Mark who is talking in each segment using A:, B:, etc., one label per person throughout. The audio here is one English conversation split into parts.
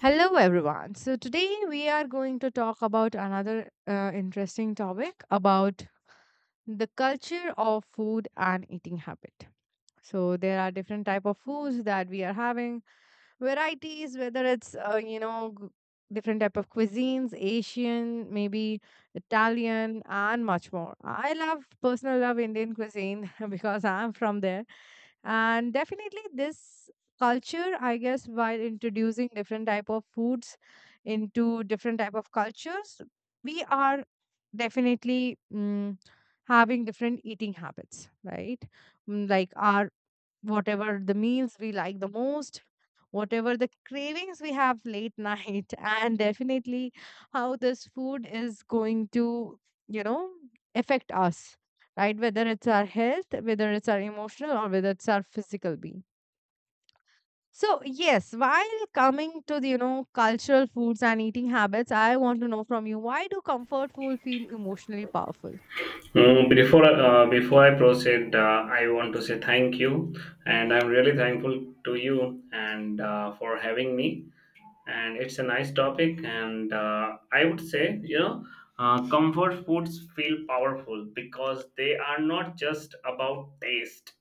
A: Hello, everyone. So, today we are going to talk about another interesting topic about the culture of food and eating habit. So there are different type of foods that we are having, varieties, whether it's different type of cuisines, asian maybe, italian and much more. I love, personal love, indian cuisine because I'm from there. And definitely this culture, I guess, while introducing different type of foods into different type of cultures, we are definitely having different eating habits, right? Like our, whatever the meals we like the most, whatever the cravings we have late night, and definitely how this food is going to, you know, affect us, right? Whether it's our health, whether it's our emotional, or whether it's our physical being. So yes, while coming to the cultural foods and eating habits, I want to know from you, why do comfort food feel emotionally powerful?
B: Before before I proceed, I want to say thank you, and I'm really thankful to you and for having me. And it's a nice topic and I would say you know comfort foods feel powerful because they are not just about taste,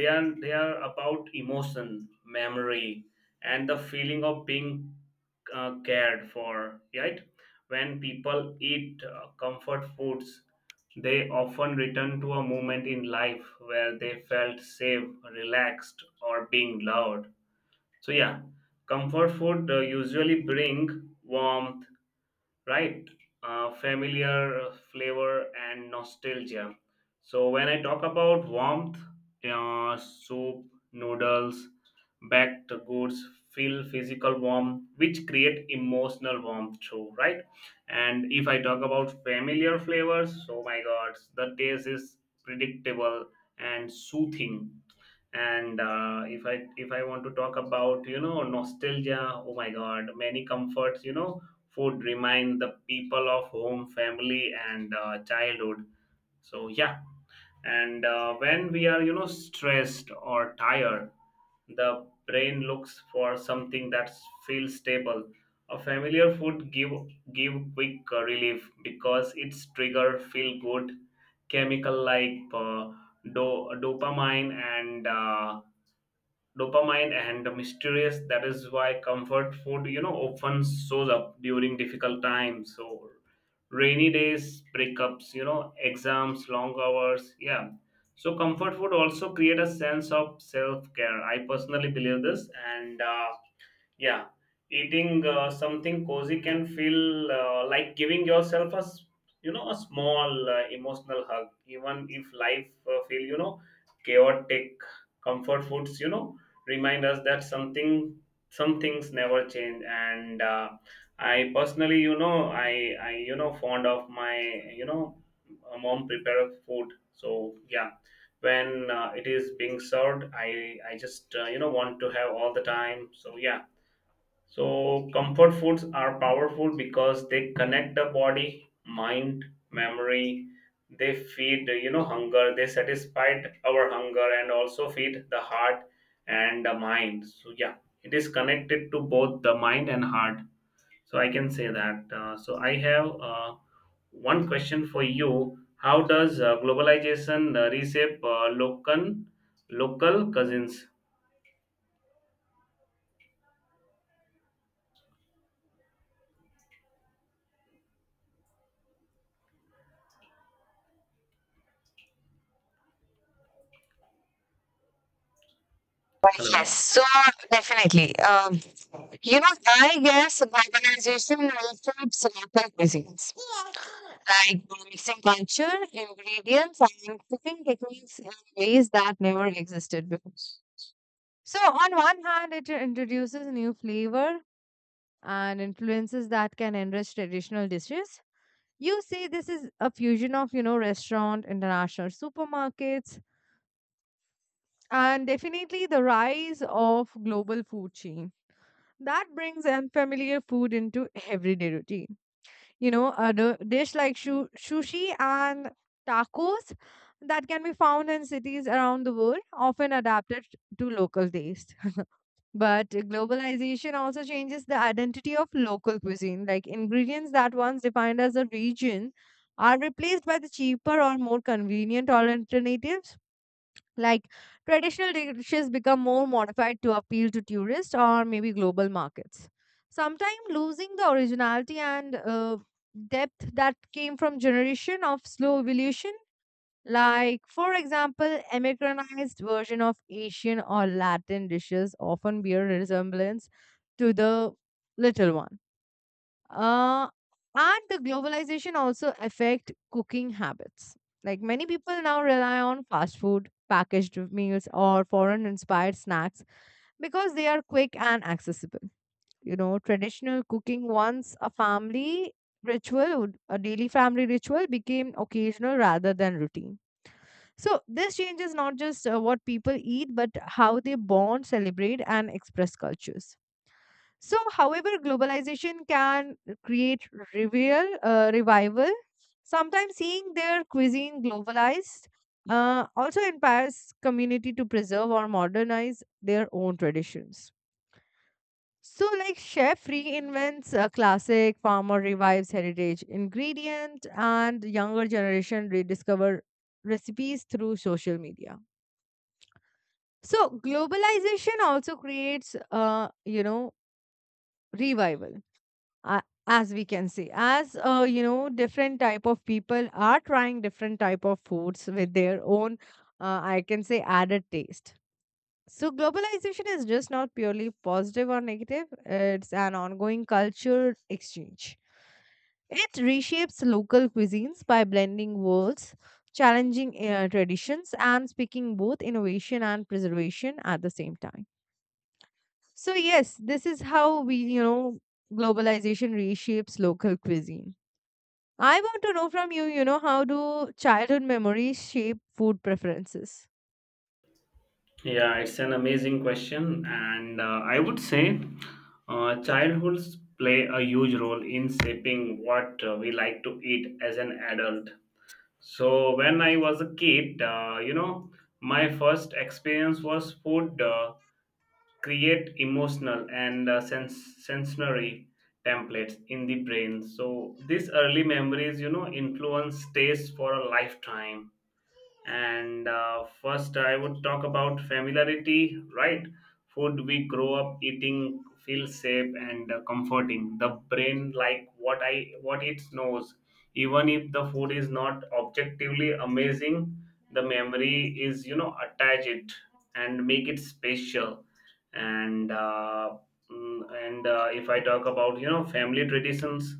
B: they are about emotion, memory, and the feeling of being cared for, right? When people eat comfort foods, they often return to a moment in life where they felt safe, relaxed, or being loved. So yeah, comfort food usually bring warmth, right? Familiar flavor and nostalgia. So when I talk about warmth, soup, noodles, baked goods feel physical warmth, which create emotional warmth too, right? And if I talk about familiar flavors, oh my God, the taste is predictable and soothing. And if I want to talk about nostalgia, oh my God, many comforts, food remind the people of home, family, and childhood. So yeah. And when we are stressed or tired, the brain looks for something that feels stable. A familiar food give quick relief because its trigger feel good chemical like dopamine and dopamine and mysterious. That is why comfort food, you know, often shows up during difficult times. So rainy days, breakups, you know, exams, long hours, yeah. So comfort food also create a sense of self-care. I personally believe this. And yeah, eating something cozy can feel like giving yourself a you know, a small emotional hug, even if life feel, you know, chaotic. Comfort foods, you know, remind us that some things never change. And I personally, you know, I you know, fond of my, you know, mom prepare food. So yeah, when it is being served, I just, you know, want to have all the time. So yeah, so comfort foods are powerful because they connect the body, mind, memory. They feed, you know, hunger. They satisfy our hunger and also feed the heart and the mind. So, yeah, it is connected to both the mind and heart. So, I can say that. So, I have one question for you. How does globalization reshape local cousins?
A: Yes,
B: Hello.
A: so definitely. You know, I guess globalization also supports cuisines, like mixing culture, ingredients, and cooking techniques in ways that never existed before. So, on one hand, it introduces new flavor and influences that can enrich traditional dishes. You see, this is a fusion of, you know, restaurant, international supermarkets, and definitely the rise of global food chains. That brings unfamiliar food into everyday routine. You know, a dish like sushi and tacos that can be found in cities around the world, often adapted to local taste. But globalization also changes the identity of local cuisine, like ingredients that once defined as a region are replaced by the cheaper or more convenient alternatives. Like traditional dishes become more modified to appeal to tourists or maybe global markets, sometimes losing the originality and depth that came from generation of slow evolution. Like, for example, Americanized version of Asian or Latin dishes often bear resemblance to the little one. uh, and the globalization also affect cooking habits. Like many people now rely on fast food, packaged meals, or foreign-inspired snacks because they are quick and accessible. You know, traditional cooking, once a family ritual, a daily family ritual, became occasional rather than routine. So this changes not just what people eat, but how they bond, celebrate, and express cultures. So, however, globalization can create, revival. Sometimes seeing their cuisine globalized also empowers community to preserve or modernize their own traditions. So, like chef reinvents a classic, farmer revives heritage ingredient, and younger generation rediscover recipes through social media. So, globalization also creates, revival, as we can see, as different type of people are trying different type of foods with their own, I can say, added taste. So globalization is just not purely positive or negative, it's an ongoing cultural exchange. It reshapes local cuisines by blending worlds, challenging traditions and speaking both innovation and preservation at the same time. So yes, this is how we, globalization reshapes local cuisine. I want to know from you, you know, how do childhood memories shape food preferences?
B: Yeah, it's an amazing question, and I would say childhoods play a huge role in shaping what we like to eat as an adult. So, when I was a kid, you know, my first experience was food, create emotional and sensory templates in the brain. So, these early memories, you know, influence taste for a lifetime. And first, I would talk about familiarity, right? Food we grow up eating feels safe and comforting. The brain like what it knows. Even if the food is not objectively amazing, the memory is, you know, attach it and make it special. And if I talk about, you know, family traditions,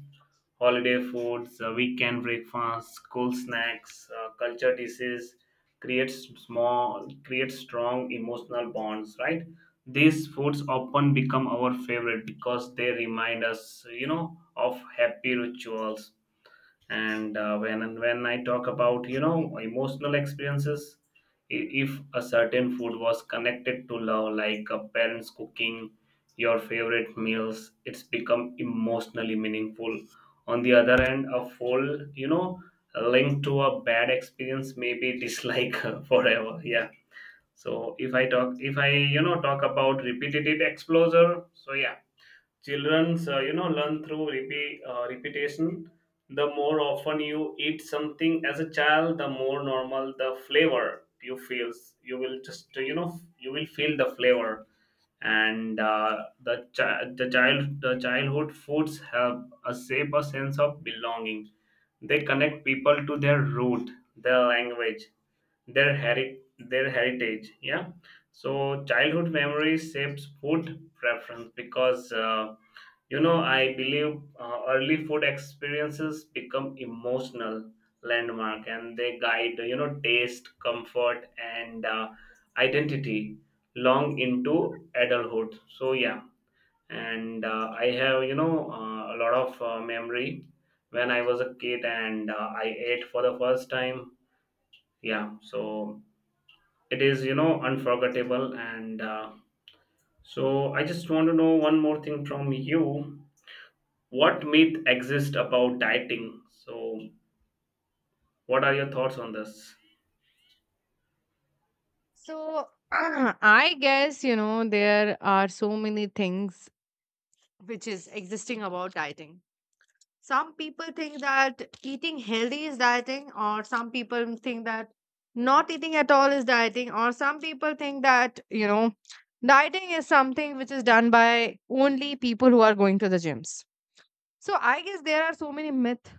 B: holiday foods, weekend breakfast, school snacks, culture dishes creates creates strong emotional bonds, right? These foods often become our favorite because they remind us, you know, of happy rituals. And when I talk about, you know, emotional experiences, if a certain food was connected to love, like a parents cooking your favorite meals, it's become emotionally meaningful. On the other end, a full, you know, linked to a bad experience may be dislike forever, yeah. So if I you know, talk about repetitive exposure, so yeah. Childrens, you know, learn through repetition. The more often you eat something as a child, the more normal the flavor you feels. You will just, you know, you will feel the flavor. And the child the childhood foods have a shape, a sense of belonging. They connect people to their root, their language, their heritage. Yeah. So childhood memories shapes food preference because. You know, I believe early food experiences become emotional landmark, and they guide, you know, taste, comfort, and identity long into adulthood. So, yeah. And I have, you know, a lot of memory when I was a kid, and I ate for the first time. Yeah. So it is, you know, unforgettable. And so I just want to know one more thing from you, what myth exists about dieting. So what are your thoughts on this?
A: So I guess, you know, there are so many things which is existing about dieting. Some people think that eating healthy is dieting, or some people think that not eating at all is dieting, or some people think that, you know, dieting is something which is done by only people who are going to the gyms. So I guess there are so many myths,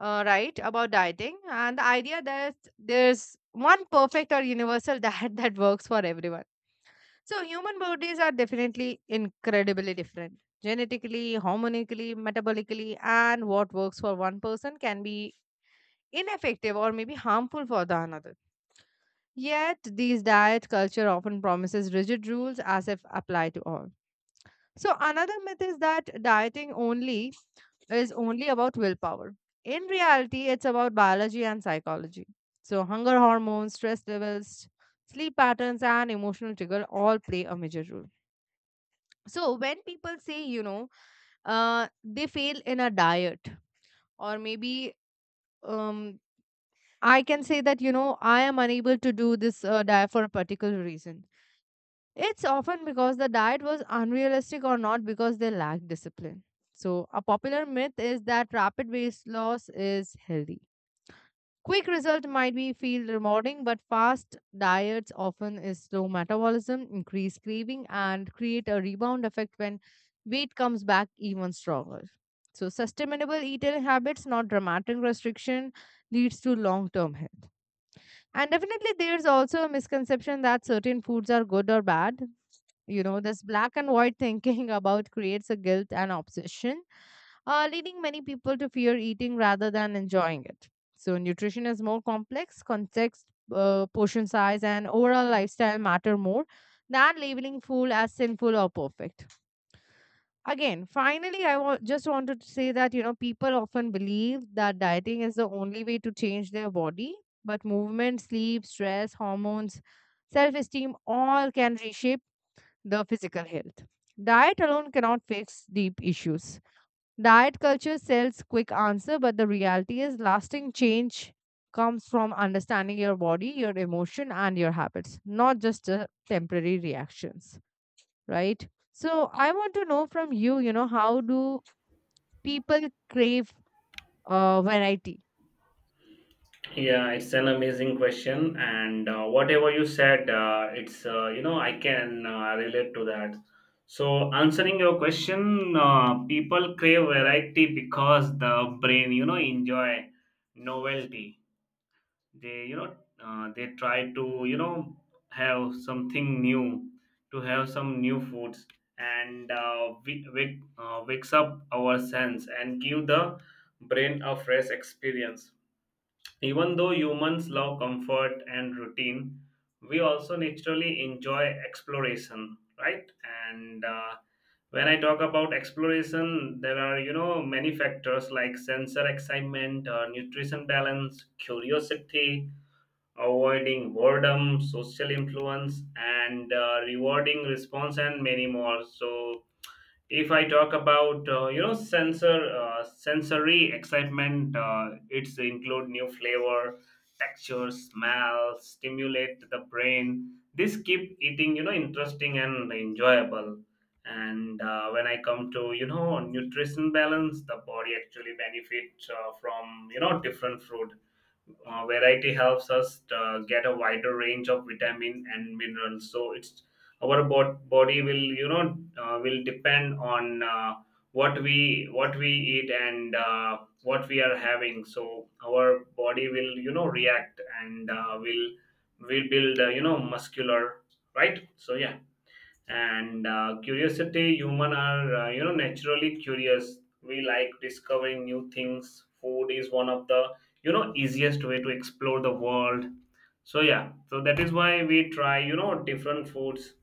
A: right, about dieting, and the idea that there's one perfect or universal diet that works for everyone. So human bodies are definitely incredibly different, genetically, hormonically, metabolically, and what works for one person can be ineffective or maybe harmful for the another. Yet these diet culture often promises rigid rules as if apply to all. So another myth is that dieting only is only about willpower. In reality, it's about biology and psychology. So, hunger hormones, stress levels, sleep patterns, and emotional trigger all play a major role. So, when people say, you know, they fail in a diet, or maybe, um, I can say that, you know, I am unable to do this diet for a particular reason. It's often because the diet was unrealistic, or not because they lack discipline. So, a popular myth is that rapid weight loss is healthy. Quick result might be feel rewarding, but fast diets often is slow metabolism, increase craving, and create a rebound effect when weight comes back even stronger. So sustainable eating habits, not dramatic restriction, leads to long-term health. And definitely there's also a misconception that certain foods are good or bad. You know, this black and white thinking about creates a guilt and obsession, leading many people to fear eating rather than enjoying it. So, nutrition is more complex, context, portion size, and overall lifestyle matter more than labeling food as sinful or perfect. Again, finally, I just wanted to say that, you know, people often believe that dieting is the only way to change their body, but movement, sleep, stress, hormones, self-esteem all can reshape the physical health. Diet alone cannot fix deep issues. Diet culture sells quick answer, but the reality is lasting change comes from understanding your body, your emotion, and your habits, not just temporary reactions, right? So I want to know from you, you know, how do people crave variety?
B: Yeah, it's an amazing question, and whatever you said, it's, you know, I can relate to that. So answering your question, people crave variety because the brain, you know, enjoy novelty. They, you know, they try to, you know, have something new, to have some new foods. And wakes up our sense and give the brain a fresh experience. Even though humans love comfort and routine, we also naturally enjoy exploration, right? And when I talk about exploration, there are, you know, many factors like sensor excitement, nutrition balance, curiosity, avoiding boredom, social influence, and rewarding response, and many more. So, if I talk about, you know, sensory excitement, it's include new flavor, texture, smell, stimulate the brain. This keep eating, you know, interesting and enjoyable. And when I come to, you know, nutrition balance, the body actually benefits from, you know, different food. Variety helps us get a wider range of vitamin and minerals. So it's our body will, you know, will depend on what we eat and what we are having. So our body will, you know, react and will build, you know, muscular, right. So yeah. And curiosity, human are, you know, naturally curious. We like discovering new things. Food is one of the, you know, easiest way to explore the world. So yeah, so that is why we try, you know, different foods.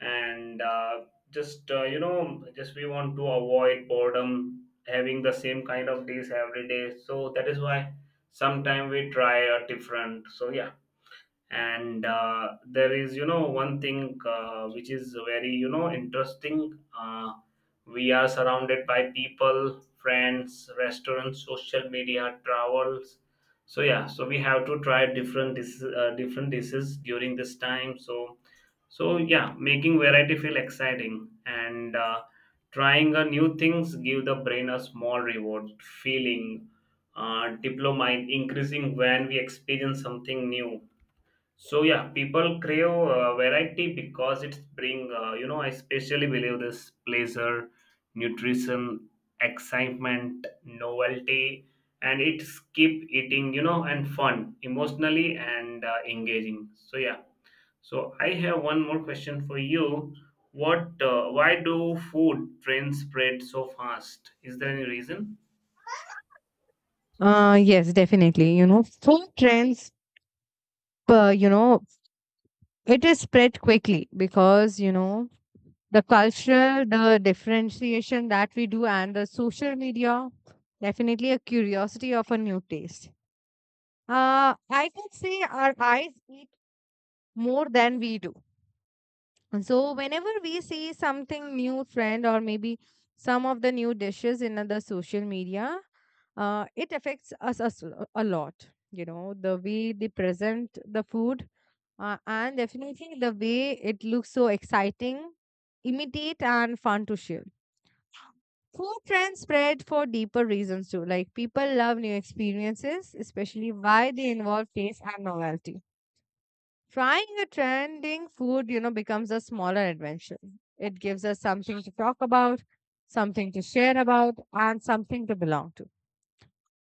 B: And just you know, just we want to avoid boredom having the same kind of dish every day. So that is why sometime we try a different, so yeah. And there is, you know, one thing which is very, you know, interesting. We are surrounded by people, friends, restaurants, social media, travels. So yeah, so we have to try different different dishes during this time. So, so yeah, making variety feel exciting. And trying a new things give the brain a small reward feeling, diplomite increasing when we experience something new. So yeah, people crave variety because it's bring, you know, I especially believe this, pleasure, nutrition, excitement, novelty, and it's keep eating, you know, and fun emotionally and engaging. So yeah, so I have one more question for you. What Why do food trends spread so fast? Is there any reason?
A: Yes, definitely. You know, food trends, uh, you know, it is spread quickly because, you know, the differentiation that we do and the social media, definitely a curiosity of a new taste. uh, I can say our eyes eat more than we do. So whenever we see something new trend, or maybe some of the new dishes in the social media, it affects us a lot. You know, the way they present the food, and definitely the way it looks so exciting, imitate and fun to share. Food trends spread for deeper reasons too. Like people love new experiences, especially why they involve taste and novelty. Trying a trending food, you know, becomes a smaller adventure. It gives us something to talk about, something to share about, and something to belong to.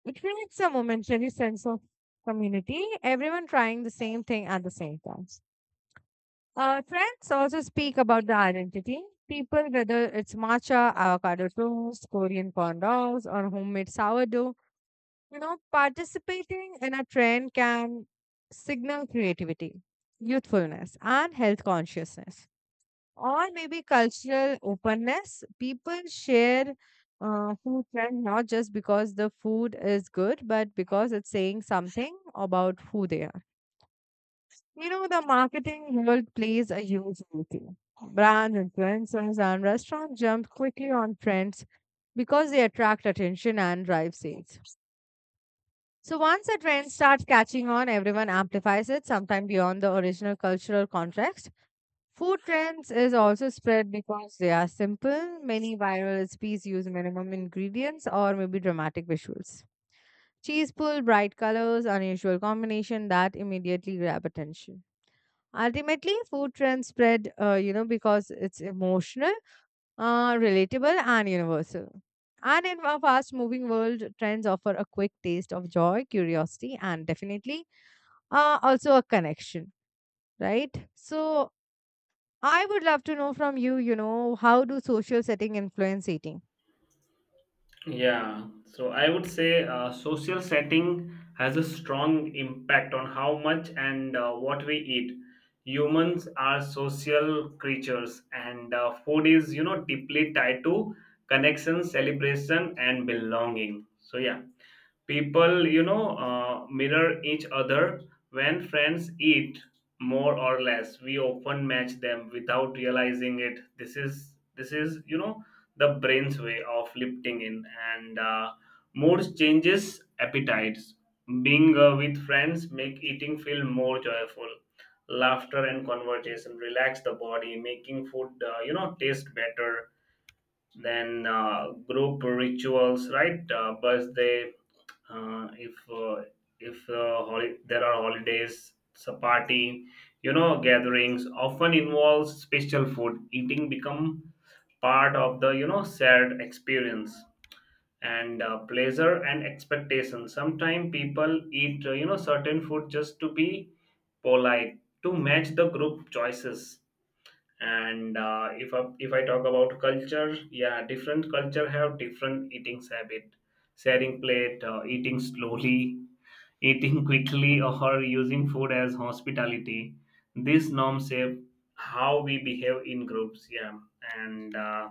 A: It creates a momentary sense of community, everyone trying the same thing at the same time. Trends also speak about the identity. People, whether it's matcha, avocado toast, Korean corn dogs, or homemade sourdough, you know, participating in a trend can signal creativity, youthfulness, and health consciousness, or maybe cultural openness. People share food trend not just because the food is good, but because it's saying something about who they are. You know, the marketing world plays a huge role too. Brand influencers and restaurants jump quickly on trends because they attract attention and drive sales. So once a trend starts catching on, everyone amplifies it, sometimes beyond the original cultural context. Food trends is also spread because they are simple. Many viral recipes use minimum ingredients or maybe dramatic visuals. Cheese pull, bright colors, unusual combination that immediately grab attention. Ultimately, food trends spread, because it's emotional, relatable, and universal. And in a fast moving world, trends offer a quick taste of joy, curiosity, and definitely also a connection, right? So, I would love to know from you, you know, how do social setting influence eating?
B: Yeah, so I would say social setting has a strong impact on how much and what we eat. Humans are social creatures, and food is, you know, deeply tied to connection, celebration, and belonging. So, yeah, people, you know, mirror each other. When friends eat more or less, we often match them without realizing it. This is you know, the brain's way of lifting in. And moods changes appetites. Being with friends make eating feel more joyful. Laughter and conversation relax the body, making food, you know, taste better. Then group rituals, right? Birthday, uh, if uh, if holi- there are holidays, so party, you know, gatherings often involves special food. Eating become part of the, you know, shared experience and pleasure and expectation. Sometimes people eat, you know, certain food just to be polite, to match the group choices. And if I talk about culture, yeah, different culture have different eating habit, sharing plate, eating slowly, eating quickly, or using food as hospitality. These norms shape how we behave in groups, yeah. And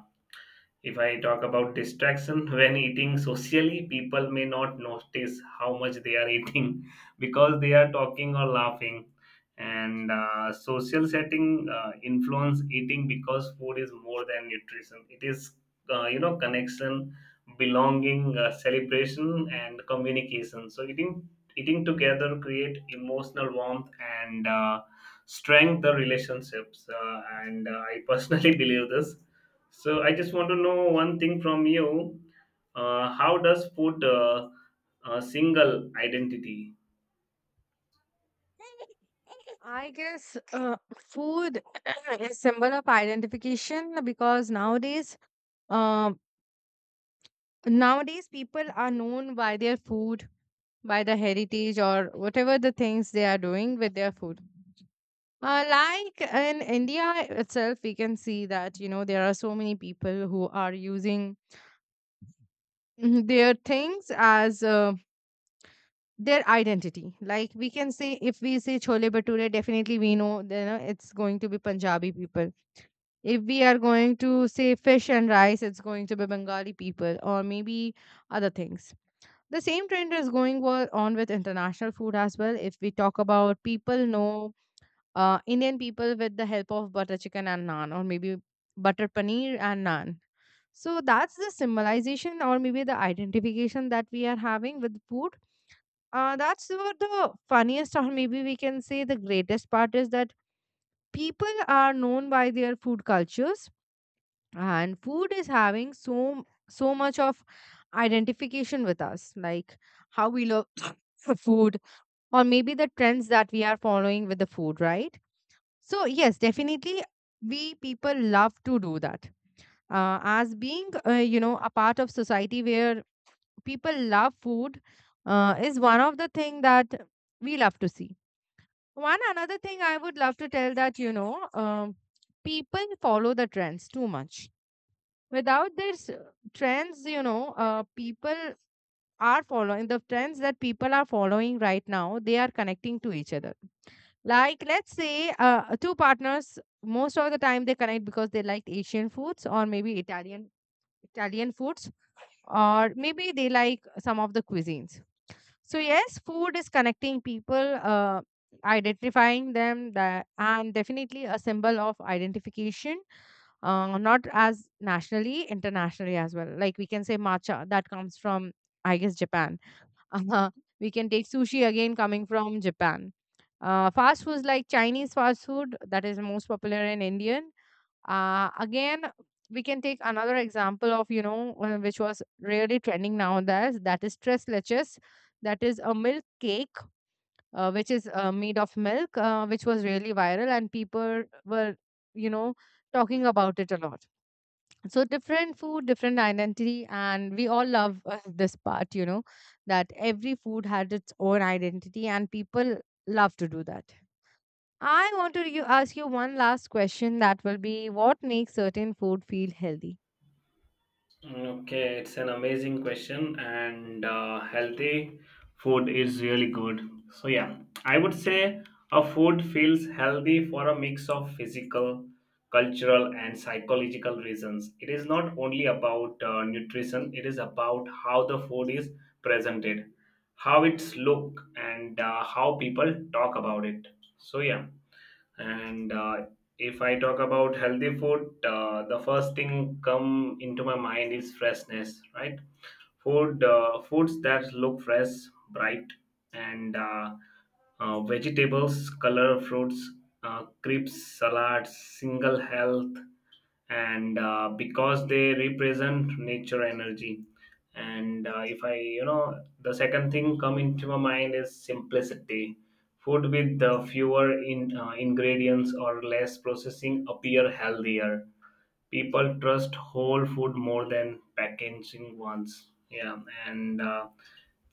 B: if I talk about distraction, when eating socially, people may not notice how much they are eating because they are talking or laughing. And social setting influence eating because food is more than nutrition. It is you know, connection, belonging, celebration, and communication. So eating together create emotional warmth and strength the relationships. And I personally believe this. So I just want to know one thing from you. How does food single identity?
A: I guess food is symbol of identification because nowadays, um, nowadays people are known by their food, by the heritage or whatever the things they are doing with their food. Like in India itself, we can see that, you know, there are so many people who are using their things as their identity. Like we can say, if we say chole bhature, definitely we know, you know, it's going to be Punjabi people. If we are going to say fish and rice, it's going to be Bengali people or maybe other things. The same trend is going on with international food as well. If we talk about, people know Indian people with the help of butter chicken and naan, or maybe butter paneer and naan. So that's the symbolization, or maybe the identification that we are having with food. That's what the funniest, or maybe we can say the greatest part is that people are known by their food cultures, and food is having so much of identification with us, like how we love for food, or maybe the trends that we are following with the food, right? So, yes, definitely, we people love to do that. As being, a part of society where people love food is one of the thing that we love to see. One another thing I would love to tell that, you know, people follow the trends too much. Without these trends, you know, people are following the trends that people are following right now. They are connecting to each other. Like, let's say two partners, most of the time they connect because they liked Asian foods, or maybe Italian foods, or maybe they like some of the cuisines. So yes, food is connecting people, identifying them, that, and definitely a symbol of identification. Not as nationally, internationally as well. Like we can say matcha that comes from, I guess, Japan. Uh-huh. We can take sushi, again coming from Japan. Fast foods like Chinese fast food that is most popular in Indian. Again, we can take another example of which was really trending nowadays. That is tres leches. That is a milk cake, which is, made of milk, which was really viral, and people were, you know talking about it a lot. So different food, different identity, and we all love this part, that every food had its own identity, and people love to do that. I want to ask you one last question. That will be, what makes certain food feel healthy?
B: Okay, it's an amazing question, and healthy food is really good. So, yeah, I would say a food feels healthy for a mix of physical, cultural, and psychological reasons. It is not only about nutrition, it is about how the food is presented, how it's looked, and how people talk about it. So, yeah and If I talk about healthy food, the first thing come into my mind is freshness, right? Foods that look fresh, bright, and vegetables, color fruits, crisps, salads, single health and because they represent nature energy and if I you know the second thing come into my mind is simplicity. Food with the fewer ingredients or less processing appear healthier. People trust whole food more than packaging ones, yeah. and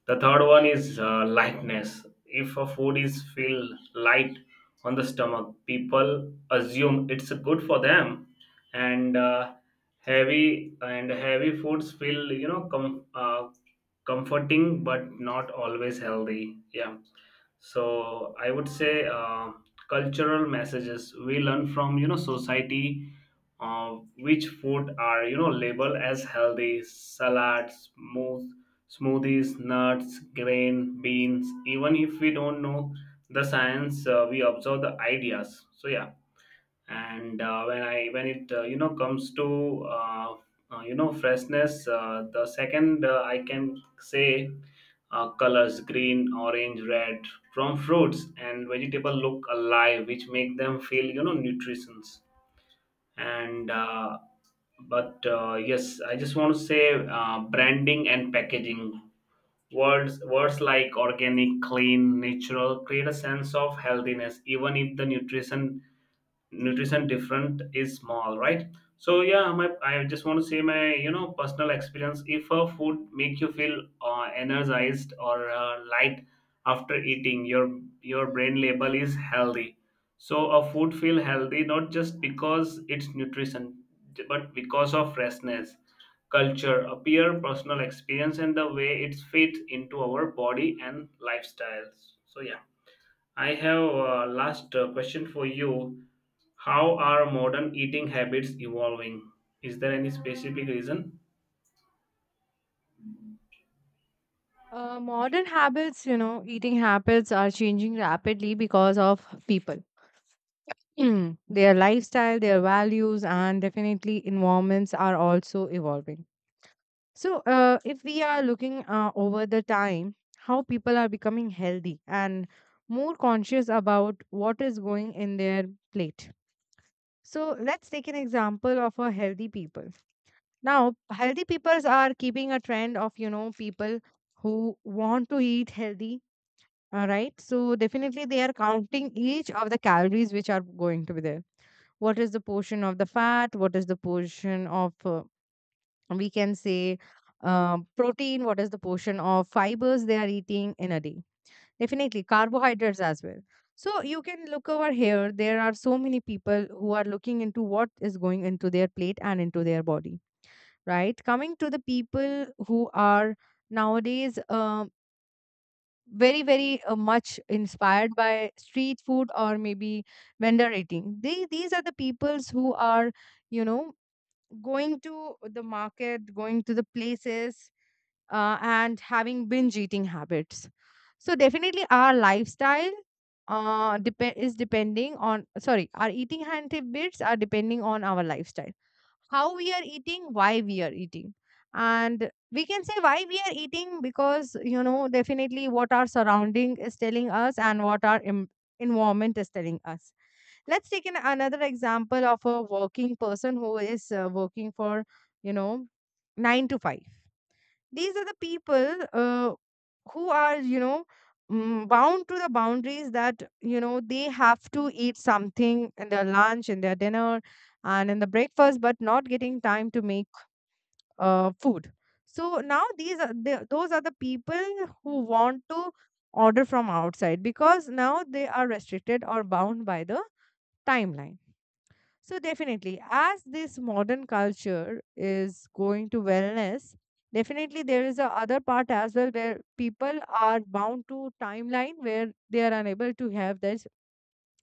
B: The third one is lightness. If a food is feel light on the stomach, people assume it's good for them, and heavy and heavy foods feel, you know, comforting but not always healthy. Yeah, so I would say cultural messages we learn from, you know, society, uh, which food are, you know, labeled as healthy: salads, smoothies, nuts, grain, beans, even if we don't know the science. We observe the ideas, so yeah. And when I when it you know comes to freshness, the second, I can say, colors: green, orange, red from fruits and vegetable look alive, which make them feel, you know, nutritions. And but Yes, I just want to say, branding and packaging, words like organic, clean, natural create a sense of healthiness, even if the nutrition different is small, right? So yeah, my I just want to say my, you know, personal experience: if a food make you feel energized or light after eating, your brain label is healthy. So a food feel healthy not just because it's nutrition, but because of freshness, culture appear, personal experience, and the way it fits into our body and lifestyles. So yeah, I have last question for you. How are modern eating habits evolving? Is there any specific reason?
A: Modern habits, you know, eating habits are changing rapidly because of people, their lifestyle, their values, and definitely environments are also evolving. So, if we are looking over the time, how people are becoming healthy and more conscious about what is going in their plate. So, let's take an example of a healthy people. Now, healthy peoples are keeping a trend of, you know, people who want to eat healthy. All right. So, definitely they are counting each of the calories which are going to be there. What is the portion of the fat? What is the portion of, we can say, protein? What is the portion of fibers they are eating in a day? Definitely carbohydrates as well. So you can look over here, there are so many people who are looking into what is going into their plate and into their body, right? Coming to the people who are nowadays, very much inspired by street food, or maybe vendor eating, these are the peoples who are, you know, going to the market, going to the places, and having binge eating habits. So definitely our lifestyle, is depending on, sorry, our eating habits are depending on our lifestyle. How we are eating, why we are eating. And we can say why we are eating because, you know, definitely what our surrounding is telling us, and what our environment is telling us. Let's take an, another example of a working person who is working for, you know, nine to five. These are the people who are, you know, bound to the boundaries that, you know, they have to eat something in their lunch, in their dinner, and in the breakfast, but not getting time to make food. So now these are those are the people who want to order from outside, because now they are restricted or bound by the timeline. So definitely, as this modern culture is going to wellness, definitely there is a other part as well where people are bound to timeline, where they are unable to have these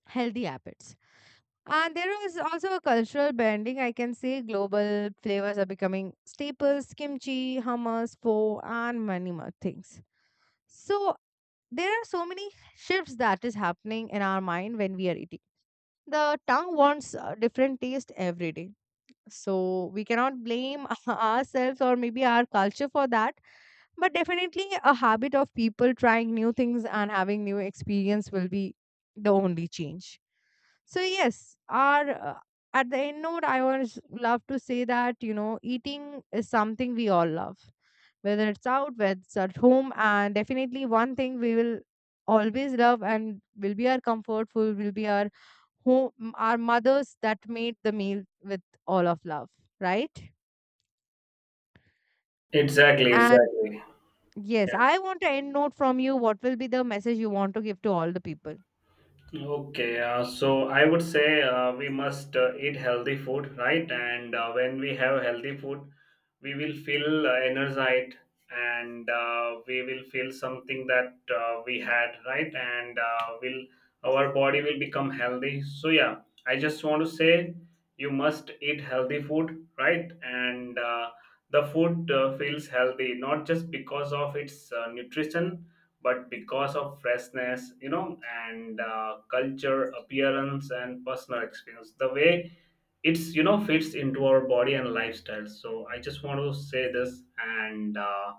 A: healthy habits. And there is also a cultural bending. I can say global flavors are becoming staples: kimchi, hummus, pho, and many more things. So there are so many shifts that is happening in our mind when we are eating. The tongue wants different taste every day, so we cannot blame ourselves or maybe our culture for that. But definitely, a habit of people trying new things and having new experience will be the only change. So yes, our at the end note, I always love to say that, you know, eating is something we all love, whether it's out, whether it's at home, and definitely one thing we will always love and will be our comfort food, will be our home, our mothers that made the meal with all of love, right?
B: Exactly,
A: And
B: exactly.
A: yes, I want to end note from you. What will be the message you want to give to all the people?
B: Okay, so I would say we must eat healthy food, right? And when we have healthy food, we will feel energized and we will feel something that we had, right? And will our body will become healthy. So yeah, I just want to say you must eat healthy food, right? And the food feels healthy, not just because of its nutrition but because of freshness, you know, and culture appearance and personal experience, the way it's, you know, fits into our body and lifestyle. So I just want to say this, and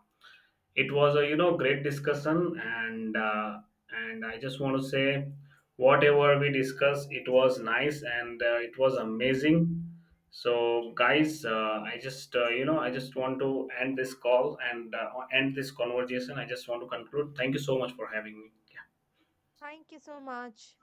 B: it was a, you know, great discussion, and I just want to say whatever we discussed, it was nice, and it was amazing. So guys, I just want to end this call and end this conversation. I just want to conclude. Thank you so much for having me.
A: Thank you so much.